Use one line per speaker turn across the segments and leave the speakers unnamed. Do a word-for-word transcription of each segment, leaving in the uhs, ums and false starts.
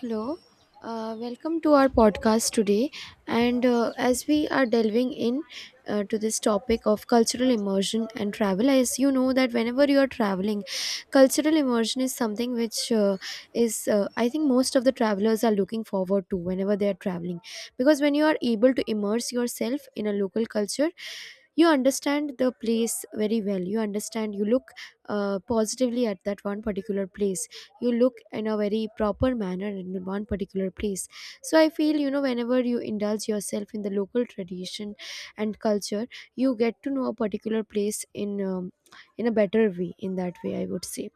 Hello, uh, welcome to our podcast today. And uh, as we are delving in uh, to this topic of cultural immersion and travel, as you know that whenever you are traveling, cultural immersion is something which uh, is uh, I think most of the travelers are looking forward to whenever they are traveling, because when you are able to immerse yourself in a local culture, you understand the place very well. You understand. You look uh, positively at that one particular place, you look in a very proper manner in one particular place. So I feel, you know, whenever you indulge yourself in the local tradition and culture, you get to know a particular place in um, in a better way, in that way I would say.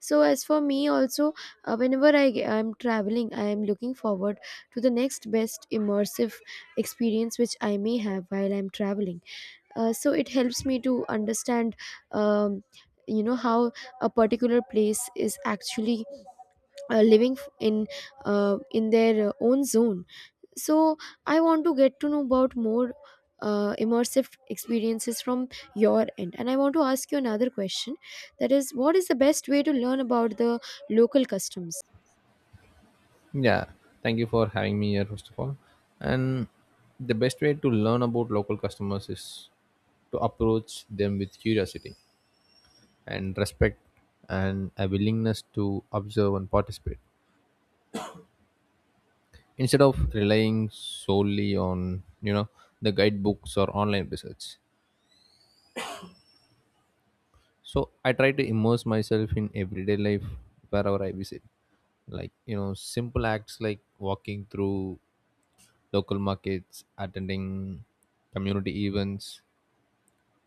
So as for me also, uh, whenever I am traveling, I am looking forward to the next best immersive experience which I may have while I'm traveling. Uh, so it helps me to understand um, you know how a particular place is actually uh, living f- in uh, in their uh, own zone. So I want to get to know about more uh, immersive experiences from your end, and I want to ask you another question, that is, what is the best way to learn about the local customs?
Yeah, thank you for having me here, first of all. And the best way to learn about local customers is to approach them with curiosity and respect and a willingness to observe and participate instead of relying solely on, you know, the guidebooks or online research. So I try to immerse myself in everyday life wherever I visit. Like, you know, simple acts like walking through local markets, attending community events,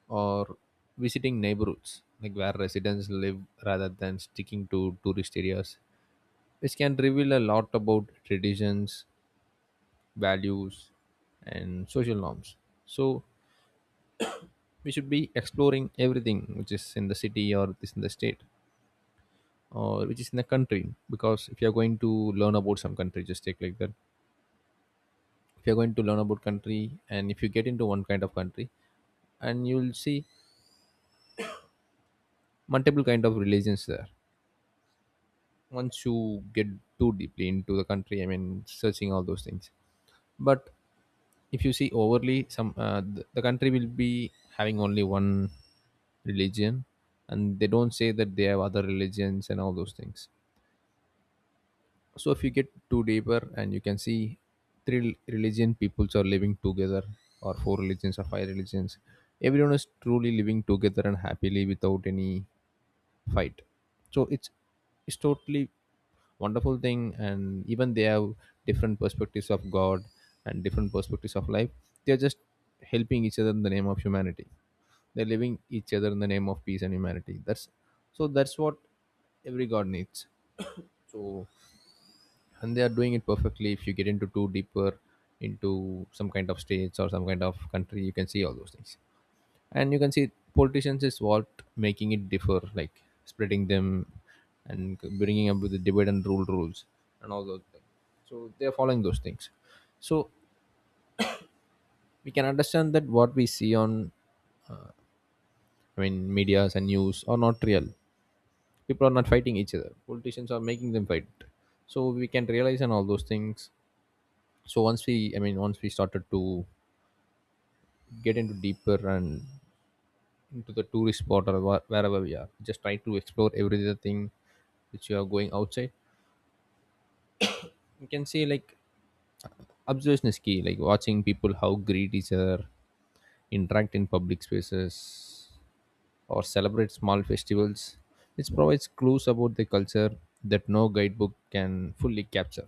or visiting neighborhoods like where residents live rather than sticking to tourist areas, which can reveal a lot about traditions, values, and social norms. So we should be exploring everything which is in the city or is in the state or which is in the country, because if you are going to learn about some country, just take like that. If you are going to learn about country and if you get into one kind of country, and you'll see multiple kind of religions there. Once you get too deeply into the country, i mean searching all those things. But if you see overly some uh, the, the country will be having only one religion, and they don't say that they have other religions and all those things. So if you get too deeper, and you can see three rel- religion peoples are living together, or four religions or five religions, everyone is truly living together and happily without any fight. So it's it's totally wonderful thing, and even they have different perspectives of god and different perspectives of life. They're just helping each other in the name of humanity. They're living each other in the name of peace and humanity, that's so that's what every god needs. So and they are doing it perfectly. If you get into too deeper into some kind of states or some kind of country, you can see all those things. And you can see politicians is what making it differ, like spreading them and bringing up with the divide and rule rules and all those things. So they're following those things. So we can understand that what we see on, i mean medias and news are not real. People are not fighting each other, politicians are making them fight. So we can realize on all those things. So once we I mean once we started to get into deeper and into the tourist spot or wha- wherever we are, just try to explore every other thing. Which you are going outside, you can see like observation is key, like watching people how greet each other, interact in public spaces, or celebrate small festivals, which provides clues about the culture that no guidebook can fully capture.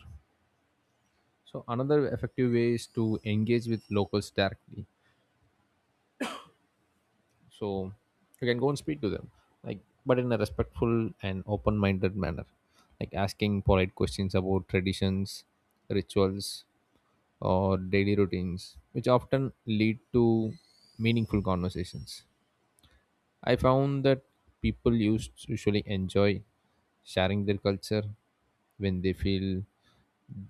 So another effective way is to engage with locals directly. So you can go and speak to them, like, but in a respectful and open-minded manner, like asking polite questions about traditions, rituals, or daily routines which often lead to meaningful conversations. I found that people used usually enjoy sharing their culture when they feel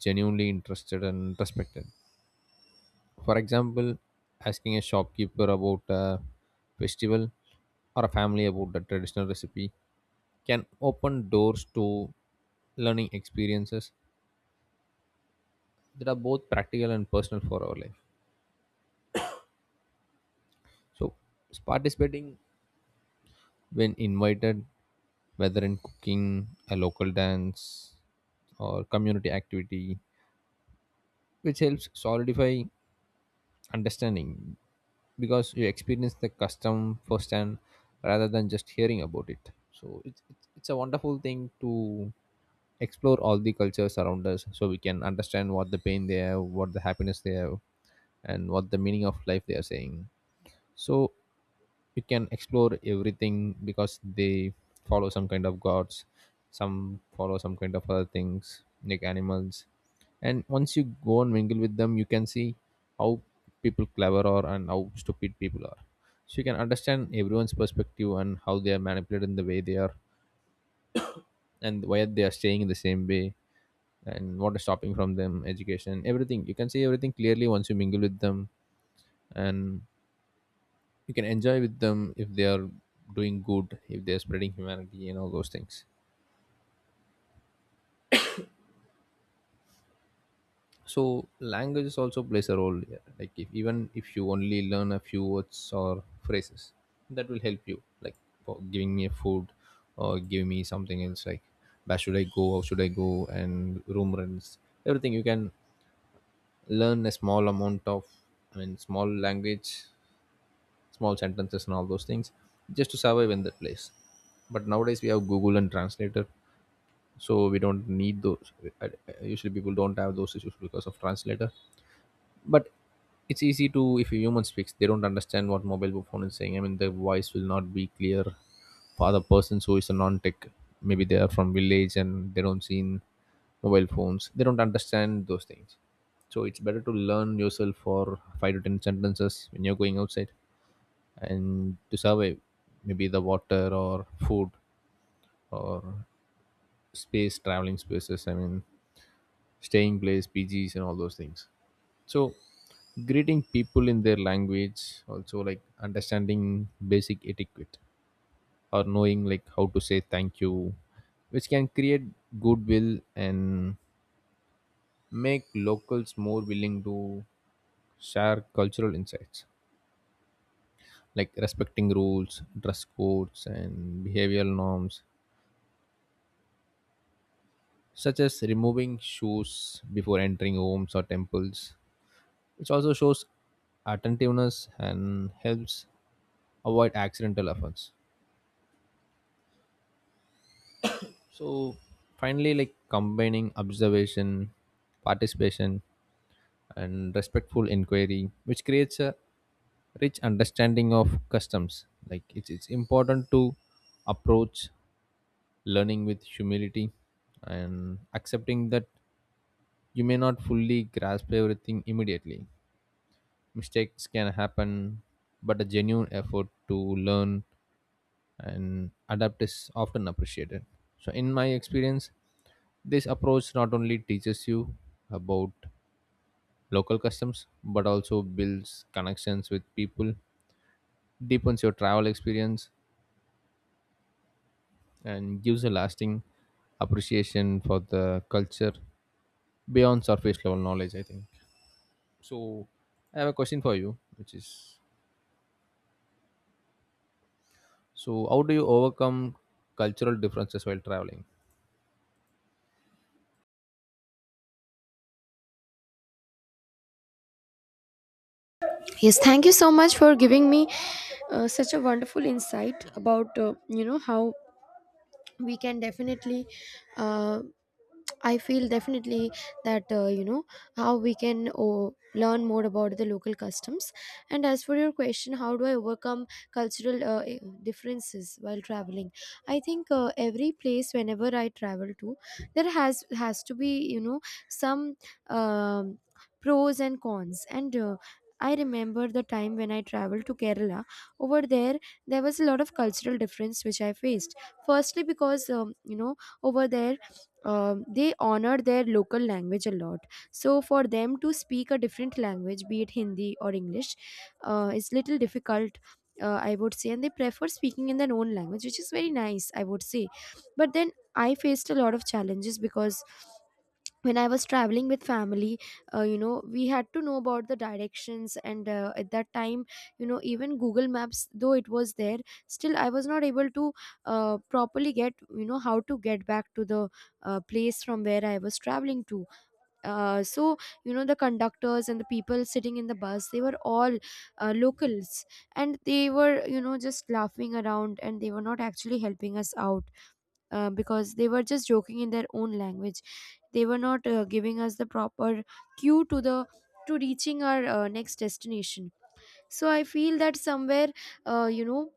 genuinely interested and respected. For example, asking a shopkeeper about a festival or a family about the traditional recipe can open doors to learning experiences that are both practical and personal for our life. So, participating when invited, whether in cooking, a local dance, or community activity, which helps solidify understanding because you experience the custom firsthand rather than just hearing about it. So it's, it's it's a wonderful thing to explore all the cultures around us, so we can understand what the pain they have, what the happiness they have, and what the meaning of life they are saying. So you can explore everything because they follow some kind of gods, some follow some kind of other things like animals. And once you go and mingle with them, you can see how people clever are and how stupid people are. So you can understand everyone's perspective and how they are manipulated in the way they are, and why they are staying in the same way, and what is stopping from them, education, everything. You can see everything clearly once you mingle with them. And you can enjoy with them if they are doing good, if they are spreading humanity and all those things. So languages also plays a role here, like if even if you only learn a few words or phrases, that will help you, like for giving me a food or giving me something else, like where should I go, how should I go, and room rents, everything. You can learn a small amount of, i mean small language, small sentences and all those things, just to survive in that place. But nowadays we have google and translator, so we don't need those. I- I- usually people don't have those issues because of translator. But it's easy to, if a human speaks, they don't understand what mobile phone is saying, i mean the voice will not be clear for the person who is a non-tech. Maybe they are from village and they don't see in mobile phones, they don't understand those things. So it's better to learn yourself for five to ten sentences when you're going outside and to survive, maybe the water or food, or space traveling spaces, i mean staying place, P Gs, and all those things. So, greeting people in their language, also like understanding basic etiquette or knowing like how to say thank you, which can create goodwill and make locals more willing to share cultural insights, like respecting rules, dress codes, and behavioral norms, such as removing shoes before entering homes or temples, which also shows attentiveness and helps avoid accidental offense. So finally, like combining observation, participation, and respectful inquiry, which creates a rich understanding of customs. Like it's it's important to approach learning with humility and accepting that you may not fully grasp everything immediately. Mistakes can happen, but a genuine effort to learn and adapt is often appreciated. So, in my experience, this approach not only teaches you about local customs but also builds connections with people, deepens your travel experience, and gives a lasting appreciation for the culture beyond surface level knowledge, I think. So, I have a question for you, which is, so, how do you overcome cultural differences while traveling?
Yes, thank you so much for giving me uh, such a wonderful insight about uh, you know how we can definitely uh, I feel definitely that uh, you know how we can, oh, learn more about the local customs. And as for your question, how do I overcome cultural uh, eh, differences while traveling? I think uh, every place whenever I travel to, there has has to be, you know, some um, pros and cons. And uh, I remember the time when I traveled to Kerala. Over there, there was a lot of cultural difference which I faced, firstly because, um, you know, over there um, they honor their local language a lot, so for them to speak a different language, be it Hindi or English, uh, is little difficult, uh, I would say, and they prefer speaking in their own language, which is very nice, I would say. But then I faced a lot of challenges because when I was traveling with family, uh, you know, we had to know about the directions, and uh, at that time, you know, even Google Maps, though it was there, still I was not able to uh, properly get, you know, how to get back to the uh, place from where I was traveling to. Uh, so, you know, the conductors and the people sitting in the bus, they were all uh, locals, and they were, you know, just laughing around, and they were not actually helping us out uh, because they were just joking in their own language. They were not uh, giving us the proper cue to the to reaching our uh, next destination. So I feel that somewhere, uh, you know,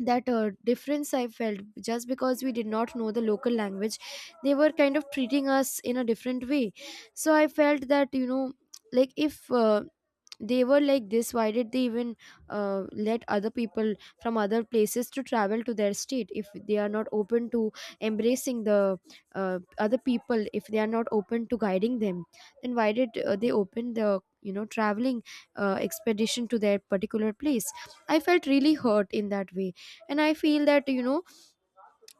that uh, difference I felt just because we did not know the local language, they were kind of treating us in a different way. So I felt that, you know, like if uh, they were like this, why did they even uh, let other people from other places to travel to their state if they are not open to embracing the uh, other people, if they are not open to guiding them, then why did uh, they open the, you know, traveling uh, expedition to their particular place? I felt really hurt in that way. And I feel that, you know,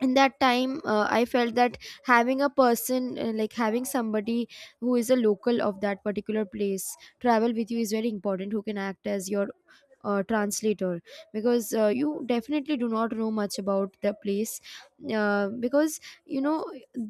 in that time, uh, I felt that having a person, uh, like having somebody who is a local of that particular place travel with you, is very important, who can act as your uh, translator, because uh, you definitely do not know much about the place, uh, because, you know,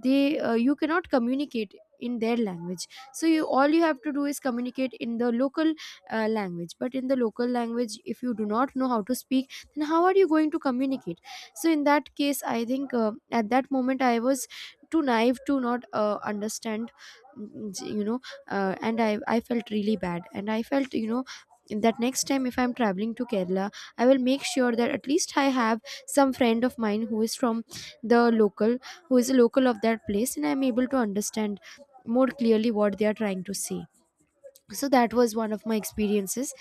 they uh, you cannot communicate in their language. So you, all you have to do is communicate in the local uh, language, but in the local language, if you do not know how to speak, then how are you going to communicate? So in that case, I think uh, at that moment I was too naive to not uh, understand, mm, you know. Uh, and i i felt really bad, and I felt, you know, that next time if I'm traveling to Kerala, I will make sure that at least I have some friend of mine who is from the local who is a local of that place, and I'm able to understand more clearly what they are trying to say. So that was one of my experiences.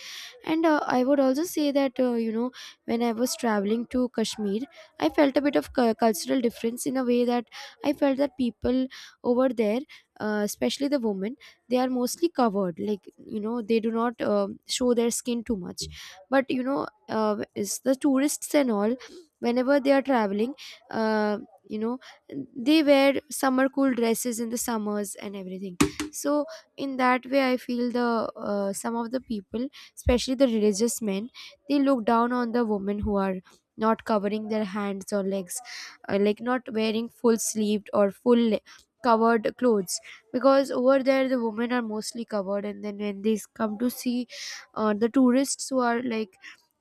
And uh, I would also say that, uh, you know, when I was traveling to Kashmir, I felt a bit of cu- cultural difference, in a way that I felt that people over there, uh, especially the women, they are mostly covered, like, you know, they do not uh, show their skin too much. But you know, uh, it's the tourists and all, whenever they are traveling, uh, you know, they wear summer cool dresses in the summers and everything. So in that way, I feel the uh, some of the people, especially the religious men, they look down on the women who are not covering their hands or legs, uh, like not wearing full sleeved or full le- covered clothes, because over there the women are mostly covered, and then when they come to see uh, the tourists who are like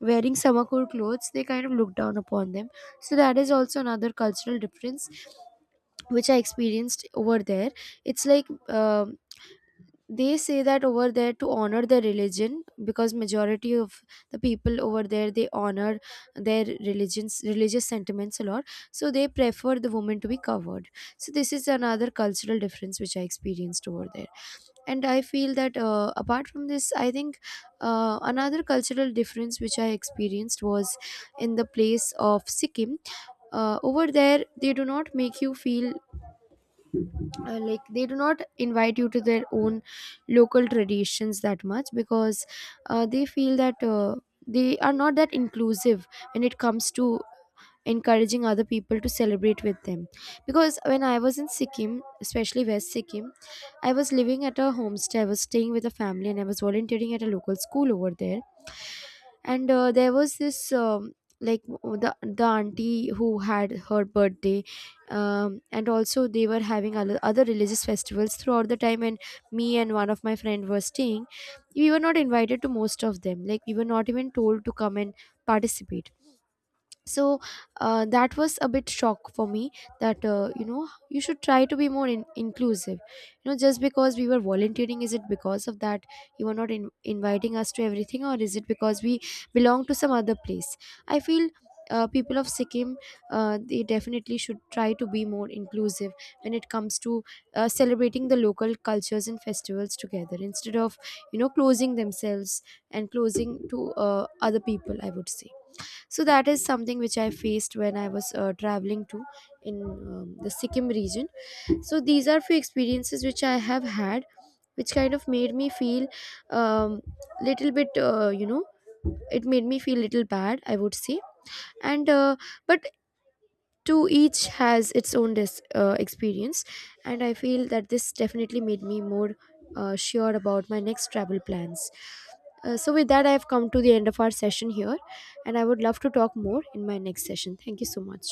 wearing samakur clothes, they kind of look down upon them. So that is also another cultural difference which I experienced over there. It's like, um they say that over there, to honor their religion, because majority of the people over there, they honor their religions religious sentiments a lot, so they prefer the woman to be covered. So this is another cultural difference which I experienced over there. And I feel that, uh, apart from this, I think uh, another cultural difference which I experienced was in the place of Sikkim. Uh, over there, they do not make you feel uh, like they do not invite you to their own local traditions that much, because uh, they feel that uh, they are not that inclusive when it comes to encouraging other people to celebrate with them. Because when I was in Sikkim, especially West Sikkim, I was living at a homestay, I was staying with a family, and I was volunteering at a local school over there. And uh, there was this, um, like w- the the auntie who had her birthday, um, and also they were having other other religious festivals throughout the time, and me and one of my friend were staying, we were not invited to most of them, like we were not even told to come and participate. So uh, that was a bit shock for me, that, uh, you know, you should try to be more in- inclusive. You know, just because we were volunteering, is it because of that you are not in- inviting us to everything, or is it because we belong to some other place? I feel uh, people of Sikkim uh, they definitely should try to be more inclusive when it comes to uh, celebrating the local cultures and festivals together, instead of, you know, closing themselves and closing to uh, other people, I would say. So that is something which I faced when I was uh, traveling to in um, the Sikkim region. So these are few experiences which I have had, which kind of made me feel, um, little bit, uh, you know, it made me feel little bad, I would say. And uh, but to each has its own dis- uh, experience. And I feel that this definitely made me more uh, sure about my next travel plans. Uh, so with that, I have come to the end of our session here, and I would love to talk more in my next session. Thank you so much.